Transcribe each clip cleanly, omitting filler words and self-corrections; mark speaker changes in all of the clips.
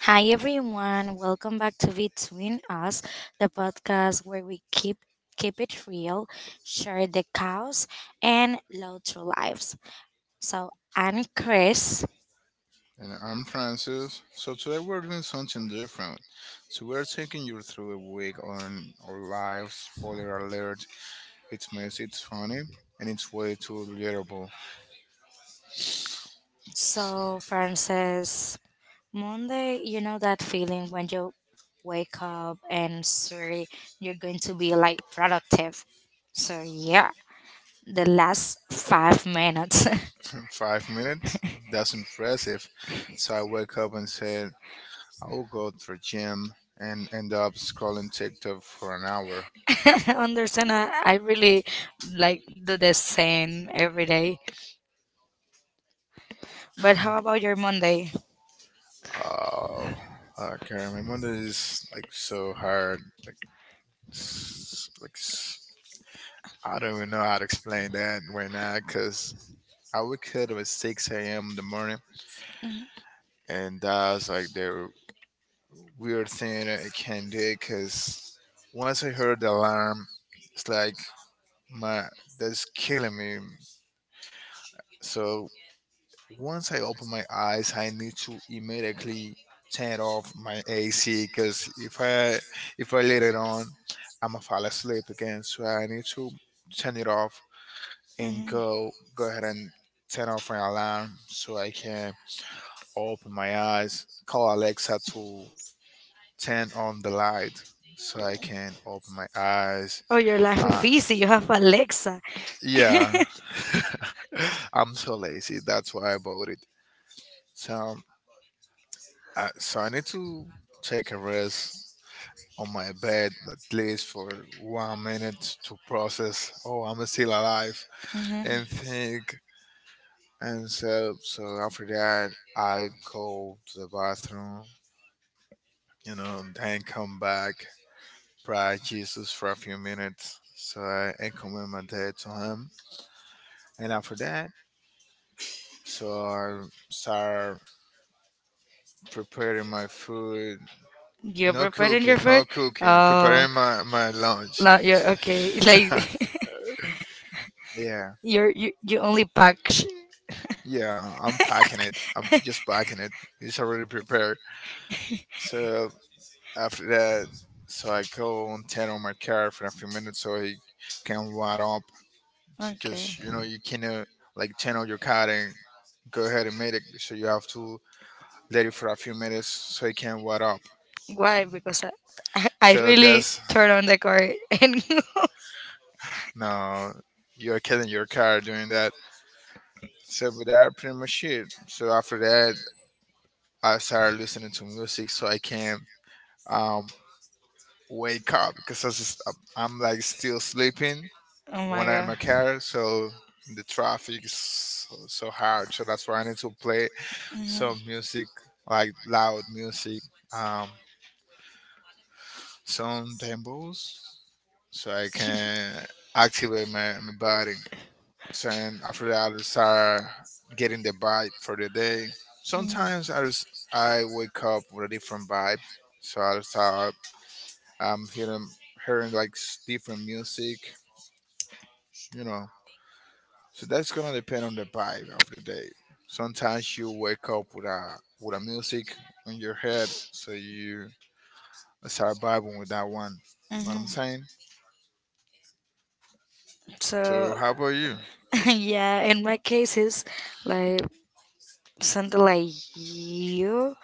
Speaker 1: Hi everyone, welcome back to Between Us, the podcast where we keep it real, share the chaos and love through lives. So I'm Chris.
Speaker 2: And I'm Francis. So today we're doing something different. So we're taking you through a week on our lives. Spoiler alert: it's messy, it's funny, and it's way too relatable.
Speaker 1: So Francis, Monday, you know that feeling when you wake up and swear you're going to be like productive? So yeah, the last 5 minutes.
Speaker 2: 5 minutes? That's impressive. So I wake up and said, "I'll go to the gym," and end up scrolling TikTok for an hour.
Speaker 1: Understand? I really like do the same every day. But how about your Monday?
Speaker 2: Oh, okay. My mother is like so hard. Like, s- like s- I don't even know how to explain that right now, cause I wake up at 6 a.m. in the morning, and that's like the weird thing I can do because once I heard the alarm, it's like my that's killing me. So once I open my eyes, I need to immediately turn off my AC because if I let it on, I'm gonna fall asleep again. So I need to turn it off and
Speaker 1: Hmm.
Speaker 2: go ahead and turn off my alarm so I can open my eyes, call Alexa to turn on the light so I can open my eyes.
Speaker 1: Oh, your life is
Speaker 2: Uh,
Speaker 1: easy. You have Alexa.
Speaker 2: yeah, I'm so lazy. That's why I bought it. So, so I need to take a rest on my bed at least for one minute to process. Oh, I'm still alive
Speaker 1: Hmm.
Speaker 2: and think. And after that, I go to the bathroom, and then come back praise Jesus for a few minutes. So I encommitted my day to him. And after that, so I start preparing my food.
Speaker 1: You're
Speaker 2: No
Speaker 1: preparing your
Speaker 2: cooking,
Speaker 1: food.
Speaker 2: no cooking.
Speaker 1: Oh,
Speaker 2: Preparing my lunch.
Speaker 1: not you. Okay, like...
Speaker 2: yeah,
Speaker 1: You only pack.
Speaker 2: yeah, I'm packing it. I'm just packing it. It's already prepared. So after that, so I go and turn on my car for a few minutes so he can warm up
Speaker 1: Okay,
Speaker 2: because you know you cannot like turn on your car and go ahead and make it. So you have to let it for a few minutes so it can warm up.
Speaker 1: why? Because I, I
Speaker 2: So
Speaker 1: really
Speaker 2: that's
Speaker 1: turn on the car and
Speaker 2: no, you're killing your car doing that. So, but that pretty much it. So after that, I started listening to music so I can um wake up because I'm like still sleeping
Speaker 1: oh my
Speaker 2: when I'm in my
Speaker 1: god.
Speaker 2: car. So the traffic is so hard. So that's why I need to play some music like loud music, um, some tempos, so I can activate my body. So and after that, I start getting the vibe for the day.
Speaker 1: Mhm.
Speaker 2: Sometimes I just, I wake up with a different vibe, so I start um hearing different music, you know. So that's gonna depend on the vibe of the day. Sometimes you wake up with a music on your head, so you that's start vibing with that one. Know what I'm saying? So
Speaker 1: So
Speaker 2: how about you?
Speaker 1: yeah, in my case is like something like you.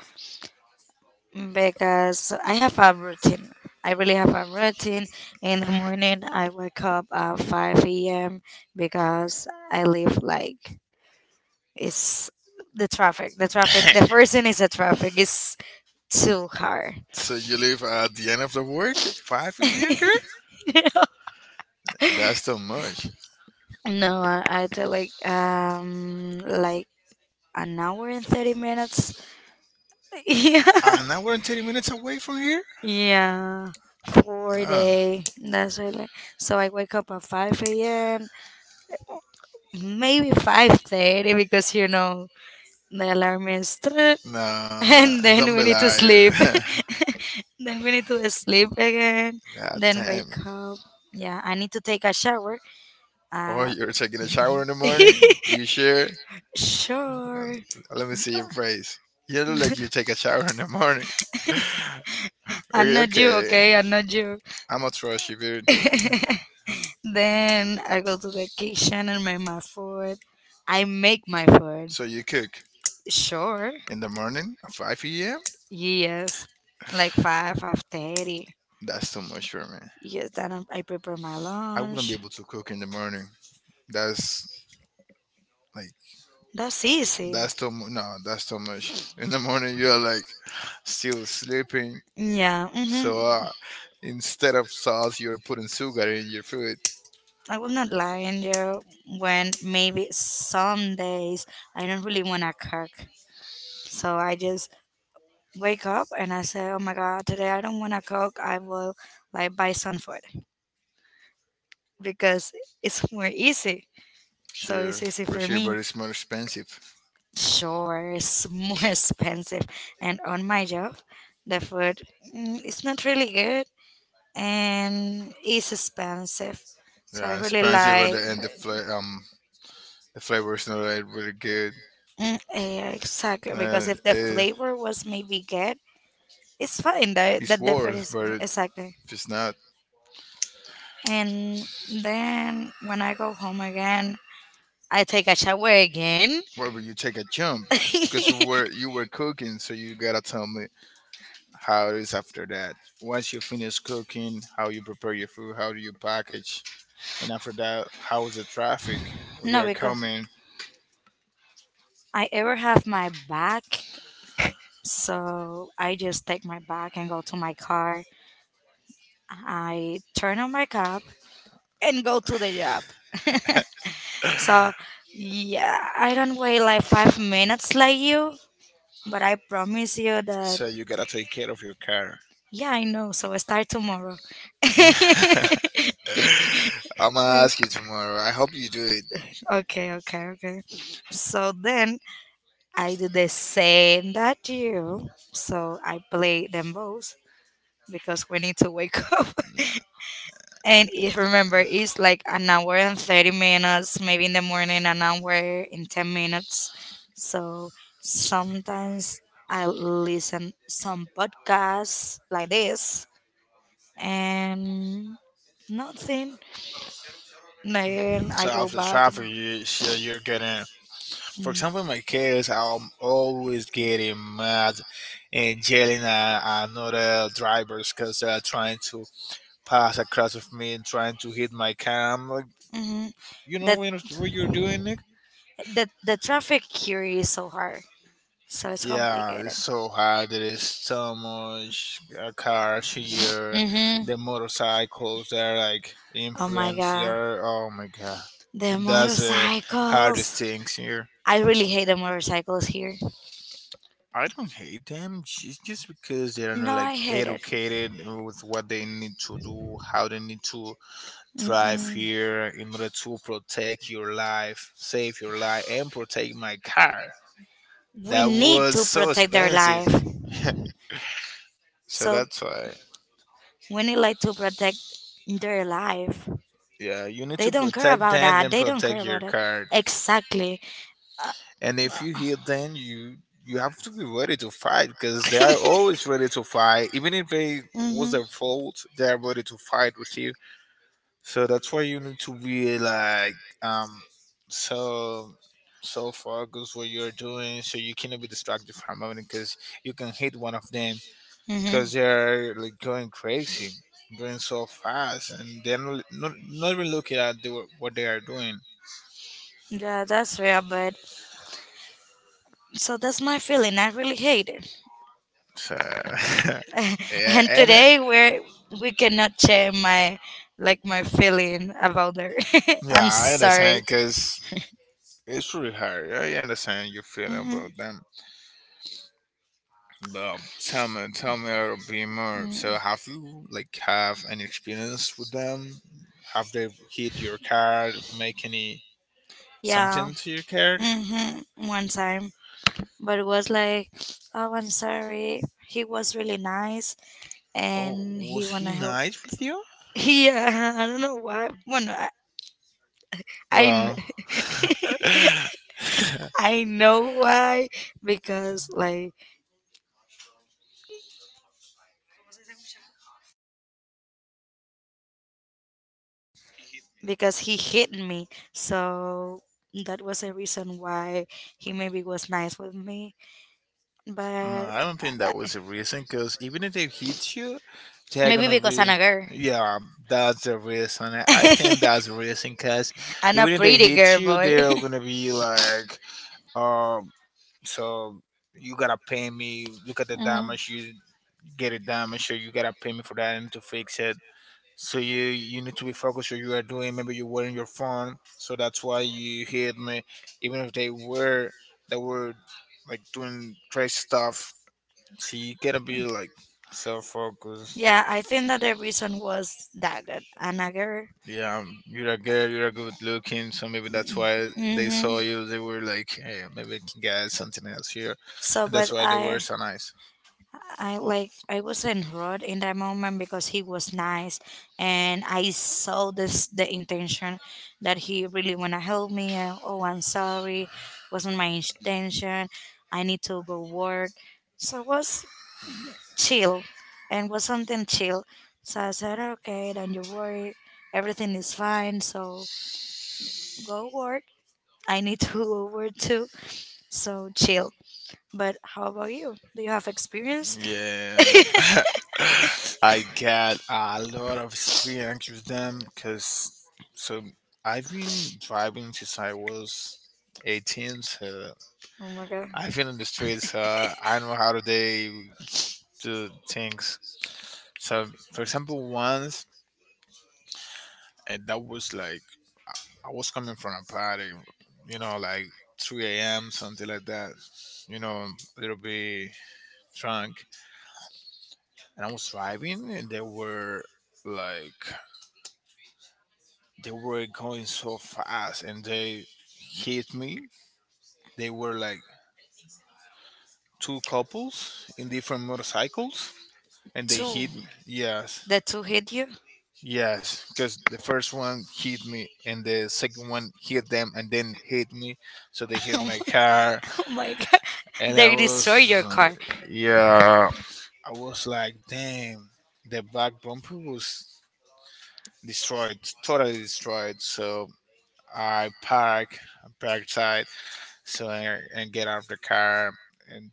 Speaker 1: Because I have a routine. I really have a routine. In the morning, I wake up at 5 a.m. because I live like it's the traffic. The traffic, the first thing is the traffic, it's too hard.
Speaker 2: So you leave at the end of the work, 5 a.m. girl? That's too much.
Speaker 1: No, I do like an hour and 30 minutes. Yeah,
Speaker 2: And now we're 30 minutes away from here?
Speaker 1: yeah, four
Speaker 2: Oh,
Speaker 1: day. That's really. So I wake up at 5 a.m. Maybe 5:30 because you know, the alarm is
Speaker 2: no,
Speaker 1: and then
Speaker 2: don't
Speaker 1: we
Speaker 2: be
Speaker 1: need to
Speaker 2: lying.
Speaker 1: sleep. Then we need to sleep again.
Speaker 2: God
Speaker 1: Then wake
Speaker 2: damn.
Speaker 1: up. Yeah, I need to take a shower.
Speaker 2: Oh,
Speaker 1: Uh,
Speaker 2: you're taking a shower in the morning? You sure?
Speaker 1: sure.
Speaker 2: Let me see your face. You look like you take a shower in the morning.
Speaker 1: I'm
Speaker 2: Okay,
Speaker 1: not you,
Speaker 2: okay.
Speaker 1: okay? I'm not you.
Speaker 2: I'm a trust you, dude.
Speaker 1: Then I go to the kitchen and make my food. I make my food.
Speaker 2: So you cook
Speaker 1: Sure.
Speaker 2: in the morning at 5 a.m.?
Speaker 1: Yes. Like five, 5:30.
Speaker 2: That's too much for me.
Speaker 1: Yes, then I prepare my
Speaker 2: I wouldn't be
Speaker 1: lunch.
Speaker 2: able to cook in the morning. That's like
Speaker 1: That's easy.
Speaker 2: that's too much. No, that's too much. In the morning, you're like still sleeping.
Speaker 1: Yeah. Hmm.
Speaker 2: So instead of sauce, you're putting sugar in your food.
Speaker 1: I will not lie in you when maybe some days I don't really want to cook. So I just wake up and I say, oh my God, today I don't want to cook. I will like buy some food because it's more easy. So
Speaker 2: Sure,
Speaker 1: it's easy
Speaker 2: for
Speaker 1: for
Speaker 2: sure,
Speaker 1: me.
Speaker 2: but it's more expensive.
Speaker 1: Sure, it's more expensive. And on my job, the food, it's not really good and it's expensive. So I
Speaker 2: Yeah,
Speaker 1: really
Speaker 2: expensive, and
Speaker 1: like...
Speaker 2: the flavor is not like really good.
Speaker 1: Mm, yeah, exactly. Because
Speaker 2: Uh,
Speaker 1: if the
Speaker 2: eh,
Speaker 1: flavor was maybe good, it's fine. The
Speaker 2: it's worth,
Speaker 1: difference
Speaker 2: but
Speaker 1: is exactly.
Speaker 2: it's not.
Speaker 1: And then when I go home again, I take a shower again.
Speaker 2: Where will you take a jump? Because you were you were cooking, so you gotta tell me how it is after that. Once you finish cooking, how you prepare your food, how do you package, and after that, how is the traffic where you
Speaker 1: No,
Speaker 2: are
Speaker 1: because
Speaker 2: coming?
Speaker 1: I ever have my back, so I just take my bag and go to my car. I turn on my cup and go to the job. So yeah, I don't wait like 5 minutes like you, but I promise you that.
Speaker 2: So you gotta take care of your car.
Speaker 1: Yeah, I know. So I start tomorrow.
Speaker 2: I'm gonna
Speaker 1: Okay,
Speaker 2: ask you tomorrow. I hope you do it.
Speaker 1: okay, okay. So then I do the same that you. So I play them both because we need to wake up. And it, remember, it's like an hour and 30 minutes, maybe in the morning, an hour in 10 minutes. So sometimes I listen some podcasts like this and nothing. Then I
Speaker 2: So
Speaker 1: go
Speaker 2: after
Speaker 1: back to my...
Speaker 2: traffic, you, so you're getting For
Speaker 1: Mm.
Speaker 2: example, in my case, I'm always getting mad and yelling at another drivers because they're trying to pass across of me and trying to hit my car. I'm like,
Speaker 1: Mm-hmm.
Speaker 2: you know
Speaker 1: That
Speaker 2: when, what you're doing, Nick?
Speaker 1: the traffic here is so hard, so it's
Speaker 2: Yeah, it's
Speaker 1: complicated.
Speaker 2: so hard. There is so much cars here.
Speaker 1: Mm-hmm.
Speaker 2: The motorcycles, they're like
Speaker 1: Oh my
Speaker 2: imprints.
Speaker 1: god,
Speaker 2: They're oh my god,
Speaker 1: the
Speaker 2: that's the hardest
Speaker 1: motorcycles!
Speaker 2: things here.
Speaker 1: I really hate the motorcycles here.
Speaker 2: I don't hate them. It's just because they're not
Speaker 1: No, I
Speaker 2: like
Speaker 1: hate it.
Speaker 2: educated with what they need to do, how they need to drive
Speaker 1: Mm-mm.
Speaker 2: here in order to protect your life, save your life, and protect my car.
Speaker 1: We
Speaker 2: That
Speaker 1: need
Speaker 2: was
Speaker 1: to
Speaker 2: so
Speaker 1: protect their
Speaker 2: expensive.
Speaker 1: life,
Speaker 2: So
Speaker 1: so
Speaker 2: that's why.
Speaker 1: we need like to protect their life.
Speaker 2: Yeah, you need
Speaker 1: They
Speaker 2: to
Speaker 1: don't care
Speaker 2: protect
Speaker 1: about
Speaker 2: them
Speaker 1: that.
Speaker 2: and
Speaker 1: They don't care
Speaker 2: protect
Speaker 1: about
Speaker 2: your
Speaker 1: it.
Speaker 2: car.
Speaker 1: Exactly.
Speaker 2: And if you hit them, you have to be ready to fight because they are always ready to fight. Even if they was
Speaker 1: Mm-hmm.
Speaker 2: their fault, they are ready to fight with you. So that's why you need to be like so focused what you're doing so you cannot be distracted for a moment because you can hit one of them because
Speaker 1: Mm-hmm.
Speaker 2: they're like going crazy going so fast and they're not even looking at the, what they are doing
Speaker 1: Yeah, that's real, but so that's my feeling. I really hate it.
Speaker 2: so yeah
Speaker 1: And
Speaker 2: and
Speaker 1: today we're we cannot share my like my feeling about her. I'm
Speaker 2: yeah I
Speaker 1: sorry.
Speaker 2: understand because it's pretty hard I understand your feeling
Speaker 1: Hmm.
Speaker 2: about them. Tell me, tell me a little bit more. So, have you have any experience with them? Have they hit your car? Make any
Speaker 1: Yeah.
Speaker 2: something to your car?
Speaker 1: Hmm, one time, but it was like... Oh, I'm sorry, he was really nice
Speaker 2: Oh,
Speaker 1: and he
Speaker 2: was he
Speaker 1: wanna help.
Speaker 2: nice with you?
Speaker 1: Yeah, I don't know why. Well, no, I kn-
Speaker 2: Well, no,
Speaker 1: I know why. Because like because he hit me, so that was a reason why he maybe was nice with me, but...
Speaker 2: I don't think that was a reason. Because even if they hit you, they're
Speaker 1: Maybe
Speaker 2: gonna
Speaker 1: because I'm
Speaker 2: be.
Speaker 1: a girl.
Speaker 2: Yeah, that's the reason. I think that's the reason. Because
Speaker 1: I'm a
Speaker 2: even if they
Speaker 1: pretty
Speaker 2: hit
Speaker 1: girl,
Speaker 2: you,
Speaker 1: boy.
Speaker 2: they're gonna be like, um, so you gotta pay me look at the
Speaker 1: Mhm.
Speaker 2: damage you get it damaged so you gotta pay me for that and to fix it so you need to be focused what you are doing maybe you're wearing your phone so that's why you hit me even if they were like doing crazy stuff so you gotta be like self-focused.
Speaker 1: Yeah, I think that the reason was that, I'm a girl.
Speaker 2: Yeah, you're a girl, you're a good looking, so maybe that's why they
Speaker 1: Hmm.
Speaker 2: saw you. They were like, hey, maybe I can get something else here.
Speaker 1: So,
Speaker 2: And
Speaker 1: but
Speaker 2: that's why they
Speaker 1: I,
Speaker 2: were so nice.
Speaker 1: I like I was enrolled in that moment because he was nice, and I saw this the intention that he really wanna help me. And, oh, I'm sorry, wasn't my intention. I need to go work. So it was chill and was something chill. So I said, okay, don't you worry, everything is fine. So go work. I need to go work too. So chill. But how about you? Do you have experience?
Speaker 2: Yeah. I got a lot of experience with them because, so I've been driving since I was 18, so
Speaker 1: Oh my god,
Speaker 2: I've been in the streets, I know how to they do things. So, for example, once and that was like I was coming from a party, you know, like 3 a.m. something like that, you know, a little bit drunk, and I was driving, and they were like they were going so fast, and they hit me. They were like two couples in different motorcycles. And they
Speaker 1: two.
Speaker 2: hit me. Yes,
Speaker 1: The two hit you.
Speaker 2: yes. Because the first one hit me, and the second one hit them, and then hit me. So they hit
Speaker 1: oh
Speaker 2: my
Speaker 1: my
Speaker 2: car,
Speaker 1: oh my god,
Speaker 2: and I
Speaker 1: they
Speaker 2: was
Speaker 1: destroy your
Speaker 2: uh,
Speaker 1: car.
Speaker 2: yeah, I was like, damn, the back bumper was destroyed, totally destroyed. So I park, I parked side, so I, and get out of the car and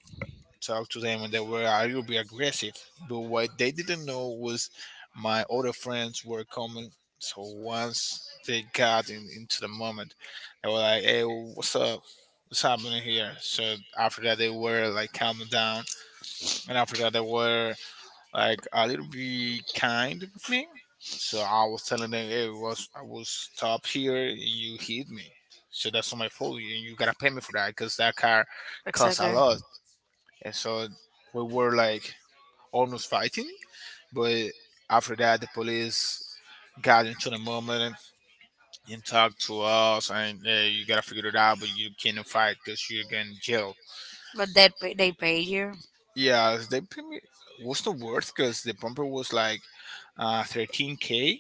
Speaker 2: talk to them, and they were a little bit aggressive. But what they didn't know was my other friends were coming. So once into the moment, they were like, hey, what's up? What's happening here? So after that, they were like calming down and after that they were like a little bit kind with me so I was telling them hey was I was stopped here you hit me so that's not my fault you gotta pay me for that because that car cost a
Speaker 1: Exactly.
Speaker 2: lot and so we were like almost fighting but after that the police got into the moment and talked to us and hey, you gotta figure it out but you cannot fight because you're getting jailed.
Speaker 1: But that pay, they pay you?
Speaker 2: Yeah, they pay me was not worth because the bumper was like 13k,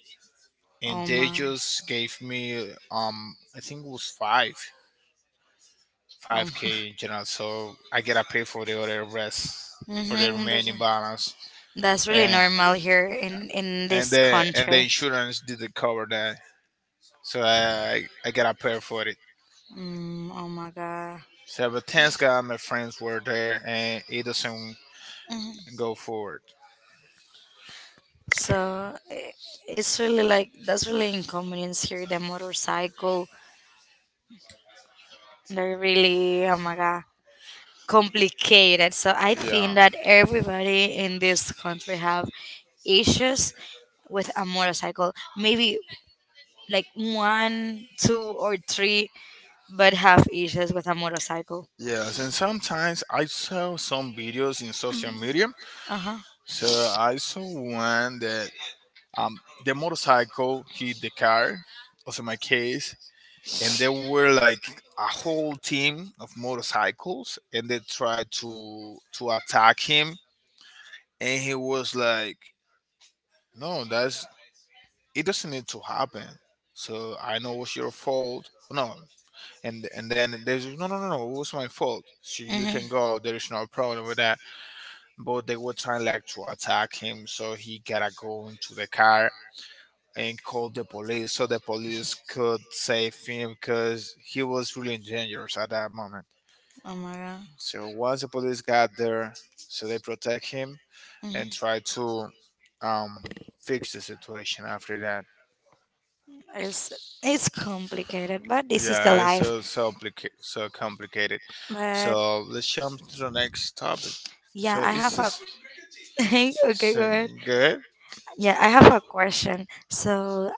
Speaker 2: and
Speaker 1: Oh
Speaker 2: they
Speaker 1: my.
Speaker 2: just gave me I think it was five
Speaker 1: Oh my.
Speaker 2: 5k in general. So I gotta pay for the other rest for the
Speaker 1: Hmm.
Speaker 2: remaining balance,
Speaker 1: That's really
Speaker 2: and
Speaker 1: normal here in
Speaker 2: and
Speaker 1: this
Speaker 2: the and the
Speaker 1: country.
Speaker 2: insurance didn't cover that, so I gotta pay for it.
Speaker 1: Mm, oh my god.
Speaker 2: So but thanks God my friends were there, and it doesn't
Speaker 1: Mhm.
Speaker 2: go forward.
Speaker 1: So it's really like that's really inconvenience here. The motorcycle, they're really, oh my god, complicated. So I think
Speaker 2: Yeah.
Speaker 1: that everybody in this country have issues with a motorcycle. Maybe like one, two, or three, but have issues with a motorcycle.
Speaker 2: Yes, and sometimes I saw some videos in social media.
Speaker 1: Uh huh.
Speaker 2: So I saw one that um the motorcycle hit the car, also my case, and there were like a whole team of motorcycles, and they tried to attack him, and he was like, "No, that's it doesn't need to happen." So I know it's your fault. No, and then there's no, it was my fault, so you
Speaker 1: Mm-hmm.
Speaker 2: can go. There is no problem with that, but they were trying like to attack him, so he gotta go into the car and call the police so the police could save him because he was really dangerous at that moment.
Speaker 1: I, oh my moment. God.
Speaker 2: So once the police got there, so they protect him
Speaker 1: Hmm.
Speaker 2: and
Speaker 1: Think.
Speaker 2: try to um fix the situation after that.
Speaker 1: It's it's complicated, but this is the
Speaker 2: Yeah, it's
Speaker 1: life.
Speaker 2: so complicated.
Speaker 1: But
Speaker 2: So let's jump to the next topic.
Speaker 1: yeah,
Speaker 2: So
Speaker 1: I
Speaker 2: is
Speaker 1: have a...
Speaker 2: this
Speaker 1: Okay, go ahead.
Speaker 2: thing good?
Speaker 1: Yeah, I have a question. So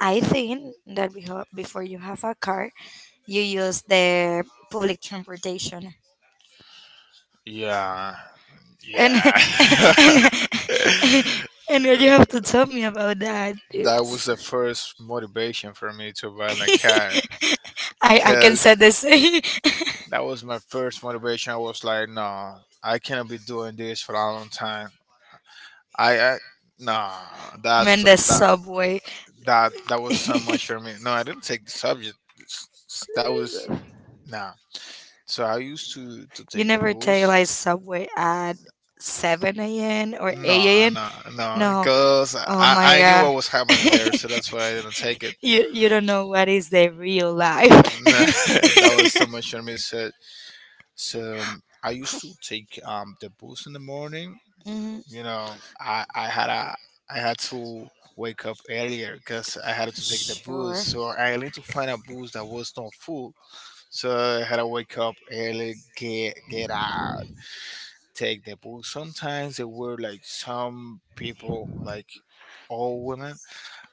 Speaker 1: I think that before you have a car, you use the public transportation.
Speaker 2: Yeah,
Speaker 1: And,
Speaker 2: yeah.
Speaker 1: and and what you have to tell me about that?
Speaker 2: That was
Speaker 1: It's...
Speaker 2: the first motivation for me to buy my car,
Speaker 1: I can
Speaker 2: cause
Speaker 1: say the same.
Speaker 2: that was my first motivation. I was like, no, I cannot be doing this for a long time. I, I nah, that's
Speaker 1: Man, the
Speaker 2: that
Speaker 1: subway.
Speaker 2: that that was so much for me. No, I didn't take the subject. That was nah. So I used to
Speaker 1: You
Speaker 2: take the
Speaker 1: never take
Speaker 2: bulls.
Speaker 1: like subway at 7 a.m. or eight
Speaker 2: No,
Speaker 1: a.m.
Speaker 2: no, no,
Speaker 1: No,
Speaker 2: because I
Speaker 1: oh my
Speaker 2: I knew
Speaker 1: god.
Speaker 2: what was happening there, so that's why I didn't take it.
Speaker 1: You don't know what is the real life.
Speaker 2: No, that was so much for me. So I used to take the bulls in the morning.
Speaker 1: Mhm.
Speaker 2: You know, I had a I had to wake up earlier because I had to take the bus,
Speaker 1: Sure.
Speaker 2: so I need to find a bus that was not full. So I had to wake up early, get out, take the bus. Sometimes there were like some people, like all women,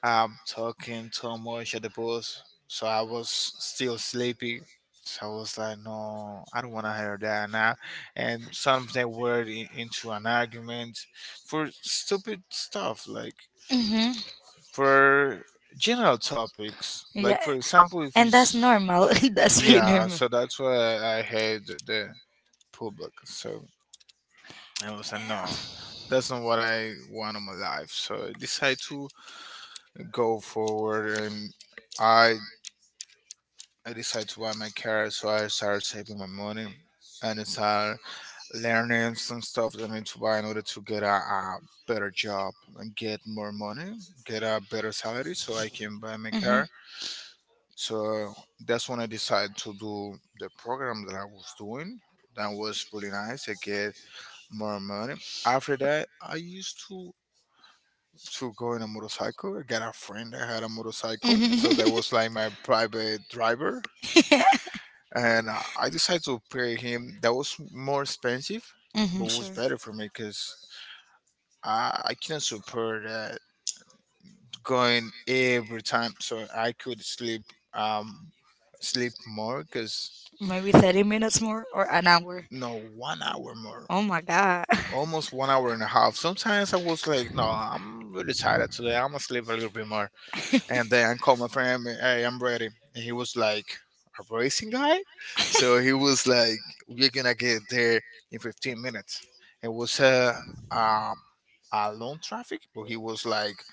Speaker 2: I'm talking too much at the bus, so I was still sleepy. So I was like, no, I don't want to hear that now. And something were into an argument for stupid stuff, like
Speaker 1: Mm-hmm.
Speaker 2: for general topics.
Speaker 1: Yeah.
Speaker 2: Like, for example, if you.
Speaker 1: And that's
Speaker 2: s-
Speaker 1: normal. That's really
Speaker 2: Yeah,
Speaker 1: normal.
Speaker 2: so that's why I hate the public. So I was like, no, that's not what I want in my life. So I decided to go forward and I I decided to buy my car, so I started saving my money and I started learning some stuff that I need to buy in order to get a better job and get more money, get a better salary so I can buy my
Speaker 1: Mm-hmm.
Speaker 2: car. So that's when I decided to do the program that I was doing. That was really nice. I get more money. After that, I used to go in a motorcycle. I got a friend that had a motorcycle, so that
Speaker 1: Mm-hmm.
Speaker 2: was like my private driver, and I decided to pay him. That was more expensive,
Speaker 1: Mm-hmm.
Speaker 2: but was
Speaker 1: Sure.
Speaker 2: better for me because I couldn't support that going every time, so I could sleep um sleep more because
Speaker 1: Maybe 30 minutes more or an hour.
Speaker 2: no, 1 hour more,
Speaker 1: Oh my god.
Speaker 2: almost 1 hour and a half. Sometimes I was like, no, I'm really tired today, I'm gonna sleep a little bit more. And then I called my friend, hey, I'm ready. And he was like, a racing guy? So he was like, we're gonna get there in 15 minutes. It was um, a long traffic, but he was like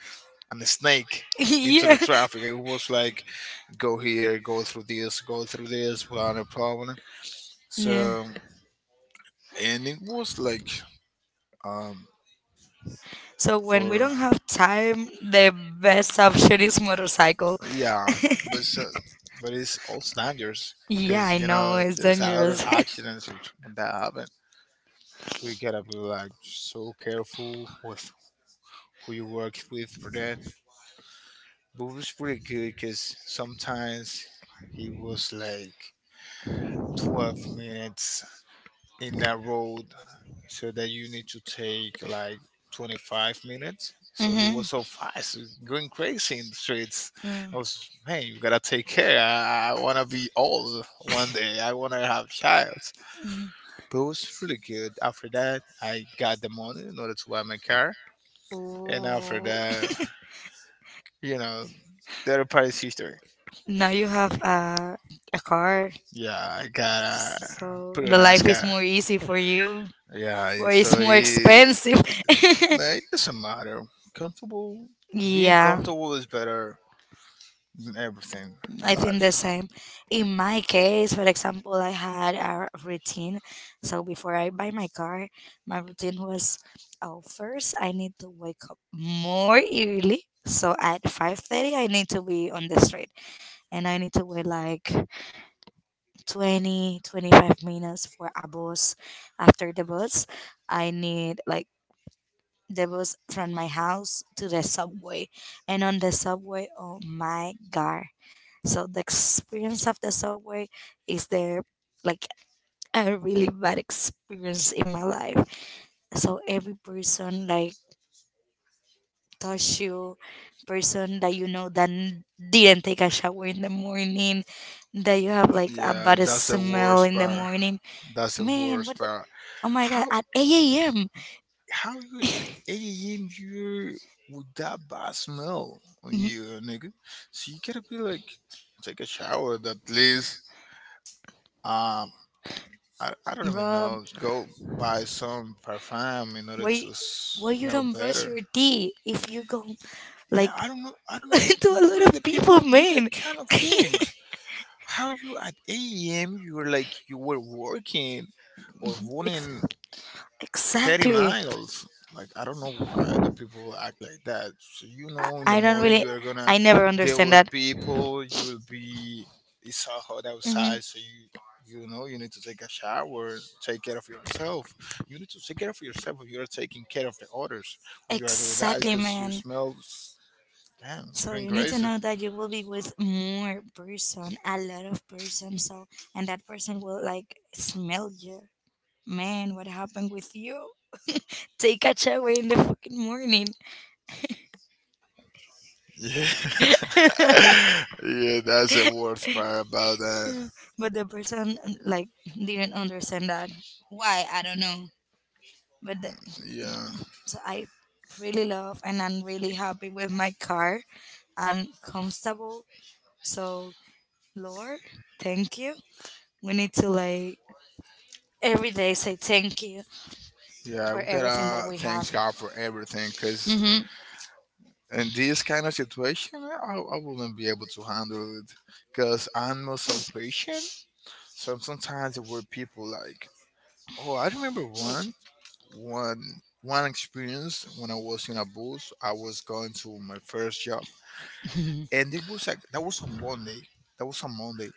Speaker 2: a snake into the
Speaker 1: Yeah.
Speaker 2: traffic. It was like, go here, go through this without a problem.
Speaker 1: Yeah.
Speaker 2: So, and it was like, um,
Speaker 1: So when we
Speaker 2: for.
Speaker 1: don't have time, the best option is motorcycle.
Speaker 2: Yeah, but so, but it's all standards
Speaker 1: Yeah,
Speaker 2: because
Speaker 1: I
Speaker 2: you
Speaker 1: know
Speaker 2: know
Speaker 1: it's
Speaker 2: there's a lot of
Speaker 1: dangerous.
Speaker 2: accidents which, when that happen. So you gotta be like so careful with who you work with for that. But it was pretty good because sometimes he was like 12 minutes in that road, so that you need to take like 25 minutes. So he
Speaker 1: Mm-hmm.
Speaker 2: was so fast, going crazy in the streets.
Speaker 1: Yeah.
Speaker 2: I was, man, you gotta take care. I want to be old one day, I want to have child.
Speaker 1: Mhm.
Speaker 2: But it was really good. After that, I got the money in order to buy my car, and after
Speaker 1: Ooh.
Speaker 2: that, you know, the other part is history.
Speaker 1: Now you have a car,
Speaker 2: Yeah, I got a
Speaker 1: so
Speaker 2: pretty
Speaker 1: the
Speaker 2: nice
Speaker 1: life is
Speaker 2: car.
Speaker 1: more easy for you.
Speaker 2: Yeah,
Speaker 1: Where it's
Speaker 2: so
Speaker 1: more
Speaker 2: he.
Speaker 1: expensive.
Speaker 2: Like, it doesn't matter. Comfortable, being
Speaker 1: Yeah,
Speaker 2: comfortable is better than everything in
Speaker 1: I think
Speaker 2: life.
Speaker 1: the same. In my case, for example, I had a routine. So before I buy my car, my routine was, oh, first I need to wake up more early. So at 5:30 I need to be on the street, and I need to wait like 20, 25 minutes for a bus. After the bus, I need like... There was from my house to the subway, and on the subway, oh my god! So the experience of the subway is there like a really bad experience in my life. So every person like touch you, person that you know that didn't take a shower in the morning, that you have like a
Speaker 2: Yeah,
Speaker 1: bad
Speaker 2: that's the
Speaker 1: smell
Speaker 2: worst
Speaker 1: in the
Speaker 2: part.
Speaker 1: morning.
Speaker 2: That's the
Speaker 1: Man,
Speaker 2: worst
Speaker 1: what?
Speaker 2: part.
Speaker 1: Oh my god!
Speaker 2: How
Speaker 1: At 8 a.m.
Speaker 2: how you at 8 a.m. you with that bad smell on
Speaker 1: Mm,
Speaker 2: you, nigga? So you gotta be like, take a shower at least. Um, I don't even
Speaker 1: bro,
Speaker 2: know. Go buy some perfume in order to
Speaker 1: Why why you
Speaker 2: smell
Speaker 1: don't brush
Speaker 2: better.
Speaker 1: your teeth if you go
Speaker 2: Yeah,
Speaker 1: like
Speaker 2: I don't know. I don't know
Speaker 1: to a lot
Speaker 2: why the
Speaker 1: of people,
Speaker 2: people do
Speaker 1: man?
Speaker 2: that kind of things. How you at 8 a.m. you were like you were working or
Speaker 1: Ex-
Speaker 2: running 30
Speaker 1: exactly.
Speaker 2: miles. Like, I don't know why the people act like that. So you know, in the
Speaker 1: I don't
Speaker 2: morning
Speaker 1: really.
Speaker 2: you are gonna
Speaker 1: I never
Speaker 2: deal
Speaker 1: understand
Speaker 2: with
Speaker 1: that.
Speaker 2: people. You will be, it's so hot
Speaker 1: Hmm.
Speaker 2: outside, so you know you need to take a shower, take care of yourself. You need to take care of yourself. If you are taking care of the others when you are doing that
Speaker 1: Exactly,
Speaker 2: because you
Speaker 1: man.
Speaker 2: smell. Damn, it's
Speaker 1: So
Speaker 2: going
Speaker 1: you need to
Speaker 2: crazy.
Speaker 1: know that you will be with more person, a lot of person. So and that person will like smell you. Man, what happened with you? Take a shower in the fucking morning.
Speaker 2: Yeah, yeah, that's the worst part about that.
Speaker 1: But the person like didn't understand that. Why? I don't know. But
Speaker 2: Yeah,
Speaker 1: so I really love and I'm really happy with my car, and comfortable. So Lord, thank you. We need to like every day say thank you
Speaker 2: yeah,
Speaker 1: for
Speaker 2: we
Speaker 1: everything that
Speaker 2: gotta
Speaker 1: we
Speaker 2: thank
Speaker 1: have.
Speaker 2: God for everything because
Speaker 1: Mm-hmm.
Speaker 2: in this kind of situation, I wouldn't be able to handle it because I'm not so patient. So sometimes there were people like, oh, I remember one, one experience when I was in a bus. I was going to my first job, and it was like that was on Monday. That was on Monday,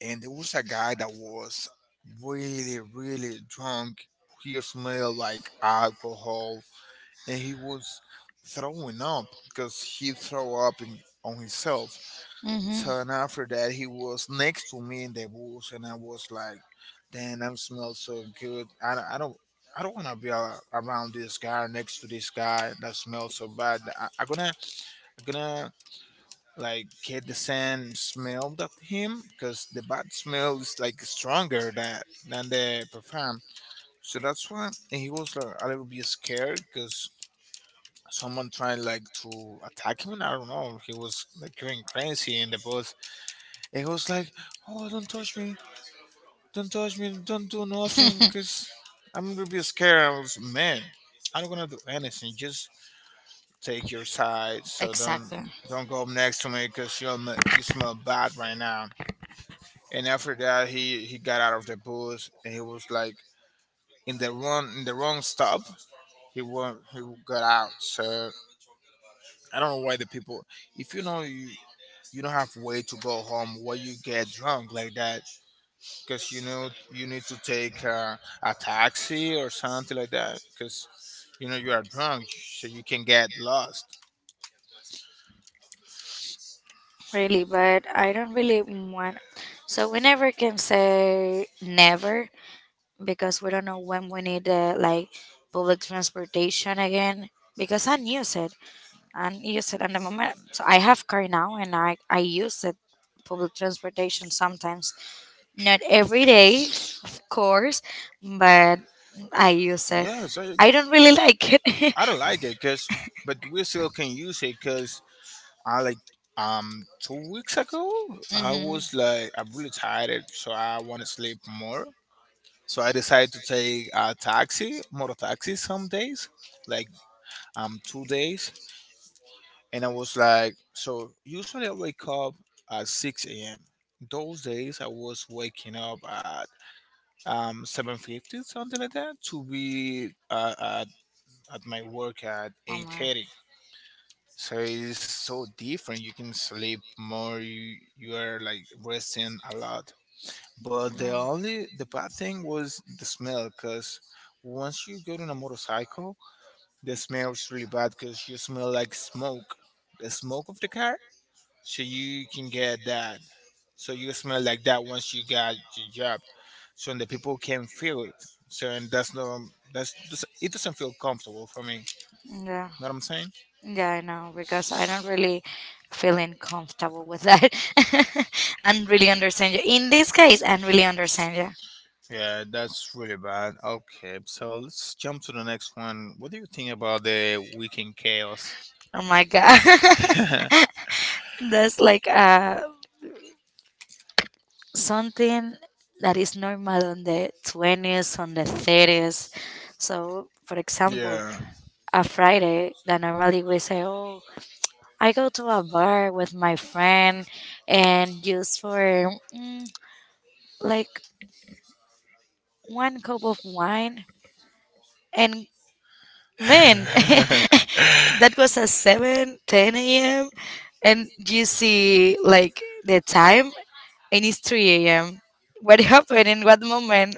Speaker 2: and there was a guy that was really really drunk. He smelled like alcohol, and he was throwing up because he threw up on himself. So and
Speaker 1: Mm-hmm.
Speaker 2: after that he was next to me in the bus, and I was like, damn, I smell so good. I don't I don't want to be around this guy, next to this guy that smells so bad. I'm gonna like get the sand smelled at him because the bad smell is like stronger than the perfume. So that's why. And he was like a little bit scared because someone tried like to attack him. I don't know. He was like going crazy in the bus. And he was like, "Oh, don't touch me! Don't touch me! Don't do nothing!" Because I'm a little bit scared. I was, man, I'm not gonna do anything. Just take your side. So
Speaker 1: Exactly.
Speaker 2: don't go up next to me because you smell bad right now. And after that, he got out of the bus and he was like in the wrong stop. He got out. So I don't know why the people, if you know you, you don't have way to go home, why you get drunk like that? Because you know you need to take a taxi or something like that, because you know you are drunk, so you can get lost.
Speaker 1: Really, but I don't really want, so we never can say never because we don't know when we need, like, public transportation again because I use it and use it in the moment. So I have car now, and I use it public transportation sometimes, not every day, of course, but I use it.
Speaker 2: Yes,
Speaker 1: I don't really like it.
Speaker 2: I don't like it because, but we still can use it because I like, 2 weeks ago I
Speaker 1: Mm-hmm.
Speaker 2: was like, I'm really tired, so I want to sleep more. So I decided to take a taxi, motor taxi some days, like 2 days, and I was like, so usually I wake up at six a.m. Those days I was waking up at 7:50, something like that, to be at my work at
Speaker 1: Oh
Speaker 2: eight
Speaker 1: my.
Speaker 2: thirty. So it is so different. You can sleep more. You are like resting a lot. But the
Speaker 1: No.
Speaker 2: only the bad thing was the smell, cause once you get on a motorcycle, the smell is really bad, cause you smell like smoke, the smoke of the car. So you can get that. So you smell like that once you got your job. So the people can feel it. So and that's no, that's, it doesn't feel comfortable for me.
Speaker 1: Yeah,
Speaker 2: Know what I'm saying?
Speaker 1: yeah, I know because I don't really feeling comfortable with that, and really understand you. In this case, and really understand you.
Speaker 2: Yeah, that's really bad. Okay, so let's jump to the next one. What do you think about the weekend chaos?
Speaker 1: Oh my god. That's like something that is normal on the 20s, on the 30s. So, for example,
Speaker 2: yeah.
Speaker 1: a Friday that normally we say, "Oh, I go to a bar with my friend and just for, like, one cup of wine." And man, that was at 7:10 a.m. And you see like the time and it's 3 a.m. What happened in what moment?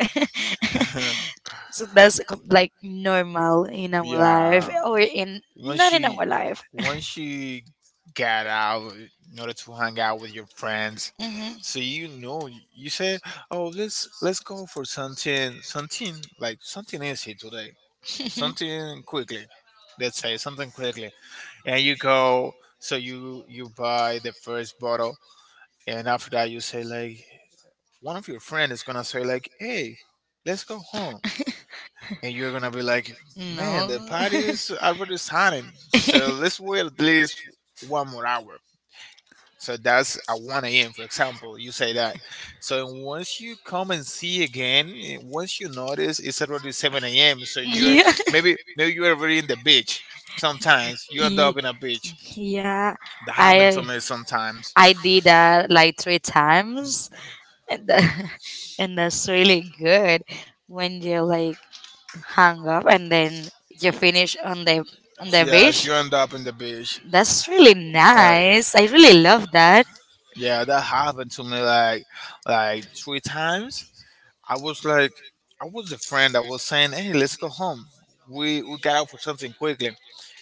Speaker 1: So that's like normal in our life,
Speaker 2: Yeah.
Speaker 1: or in
Speaker 2: When
Speaker 1: not in
Speaker 2: she
Speaker 1: our life.
Speaker 2: when she got out in order to hang out with your friends,
Speaker 1: Hmm.
Speaker 2: so you know, you said, oh, let's go for something, something like something easy today. Something quickly. Let's say something quickly. And you go, so you buy the first bottle, and after that, you say like, one of your friends is gonna say like, hey, let's go home. And you're gonna be like, man, the
Speaker 1: No.
Speaker 2: party is already starting, so let's wait at least one more hour. So that's at 1 a.m. for example, you say that. So once you come and see again, once you notice it's already 7 a.m. so you're,
Speaker 1: Yeah.
Speaker 2: maybe maybe you're already in the beach. Sometimes you end
Speaker 1: Ye-
Speaker 2: up in a beach.
Speaker 1: Yeah,
Speaker 2: That happened to
Speaker 1: I
Speaker 2: me sometimes.
Speaker 1: I did that like three times, and, that, and that's really good when you're like hung up and then you finish on the
Speaker 2: Yes,
Speaker 1: beach.
Speaker 2: you end up in the beach.
Speaker 1: That's really
Speaker 2: Like,
Speaker 1: nice. I really love that.
Speaker 2: yeah, that happened to me like three times. I was like, I was a friend that was saying, "Hey, let's go home." We got out for something quickly,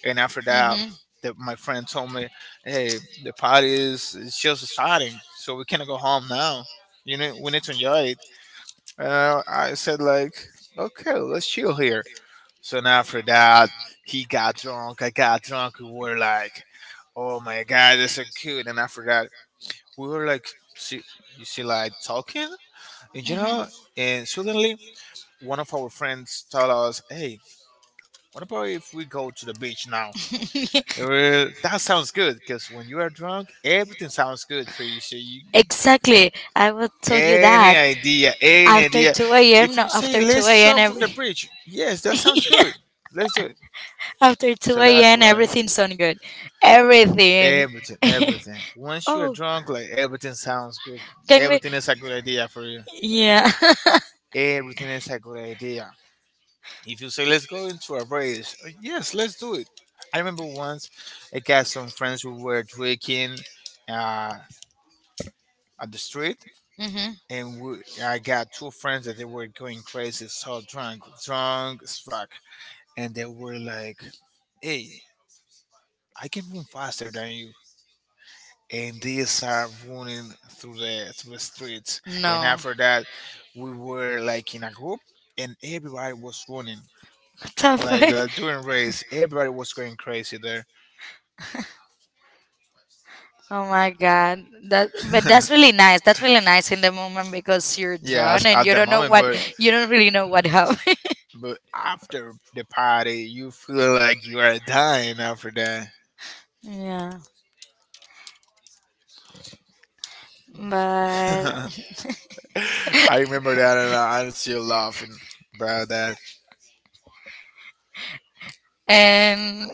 Speaker 2: and after that,
Speaker 1: Hmm.
Speaker 2: my friend told me, "Hey, the party is it's just starting, so we cannot go home now. You know, we need to enjoy it." And I said like, "Okay, let's chill here." So now after that, he got drunk. I got drunk. We were like, "Oh my god, that's so cute!" And after that, we were like, see, "You see, like talking, and you
Speaker 1: Hmm.
Speaker 2: know." And suddenly, one of our friends told us, "Hey, what about if we go to the beach now?" And we're, that sounds good, because when you are drunk, everything sounds good for you. So you,
Speaker 1: Exactly. I will tell you that
Speaker 2: any
Speaker 1: after
Speaker 2: idea,
Speaker 1: 2 a.m.
Speaker 2: if
Speaker 1: No,
Speaker 2: you say,
Speaker 1: after
Speaker 2: "Let's
Speaker 1: 2 a.m.
Speaker 2: jump from the
Speaker 1: Every...
Speaker 2: bridge," yes, that sounds good. Let's do it.
Speaker 1: after
Speaker 2: So
Speaker 1: two
Speaker 2: that's
Speaker 1: a.m.
Speaker 2: why.
Speaker 1: Everything's so good. Everything.
Speaker 2: Everything, everything. Once you're
Speaker 1: Oh,
Speaker 2: drunk, like everything sounds good.
Speaker 1: can we?
Speaker 2: Everything is a good idea for you.
Speaker 1: Yeah.
Speaker 2: Everything is a good idea. If you say let's go into a race, yes, let's do it. I remember once I got some friends who were drinking uh, at the street,
Speaker 1: Hmm.
Speaker 2: and we, I got two friends that they were going crazy, so drunk, drunk as fuck, and they were like, "Hey, I can run faster than you." And they start running through the streets. And
Speaker 1: No.
Speaker 2: after that, we were like in a group, and everybody was running
Speaker 1: Tough.
Speaker 2: like during race. Everybody was going crazy there.
Speaker 1: Oh my god. That But that's really nice. That's really nice in the moment because you're
Speaker 2: Yeah,
Speaker 1: drawn and
Speaker 2: at
Speaker 1: you
Speaker 2: the
Speaker 1: don't know
Speaker 2: moment,
Speaker 1: what, you don't really know what happened.
Speaker 2: but after the party, you feel like you are dying after that.
Speaker 1: Yeah. But
Speaker 2: I remember that, and I'm still laughing about that.
Speaker 1: and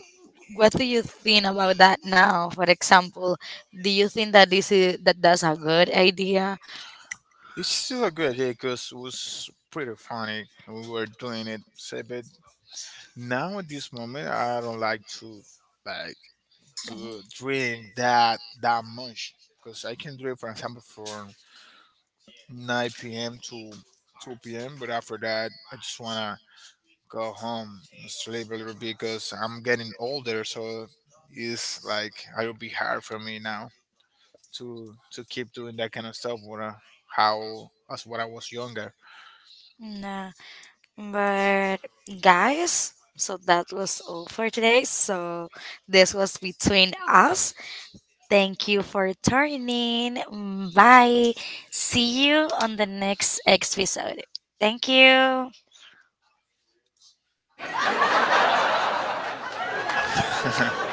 Speaker 1: what do you think about that now? For example, do you think that this is that that's a good idea?
Speaker 2: It's still a good day because it was pretty funny. We were doing it, say, but now at this moment, I don't like to drink that much because I can do it, for example, from 9 p.m. to 2 p.m. But after that, I just wanna go home, and sleep a little bit because I'm getting older, so it's like it'll be hard for me now to keep doing that kind of stuff. When I, how as when I was younger.
Speaker 1: No. But guys, so that was all for today. So this was between us. Thank you for turning. Bye. See you on the next episode. Thank you.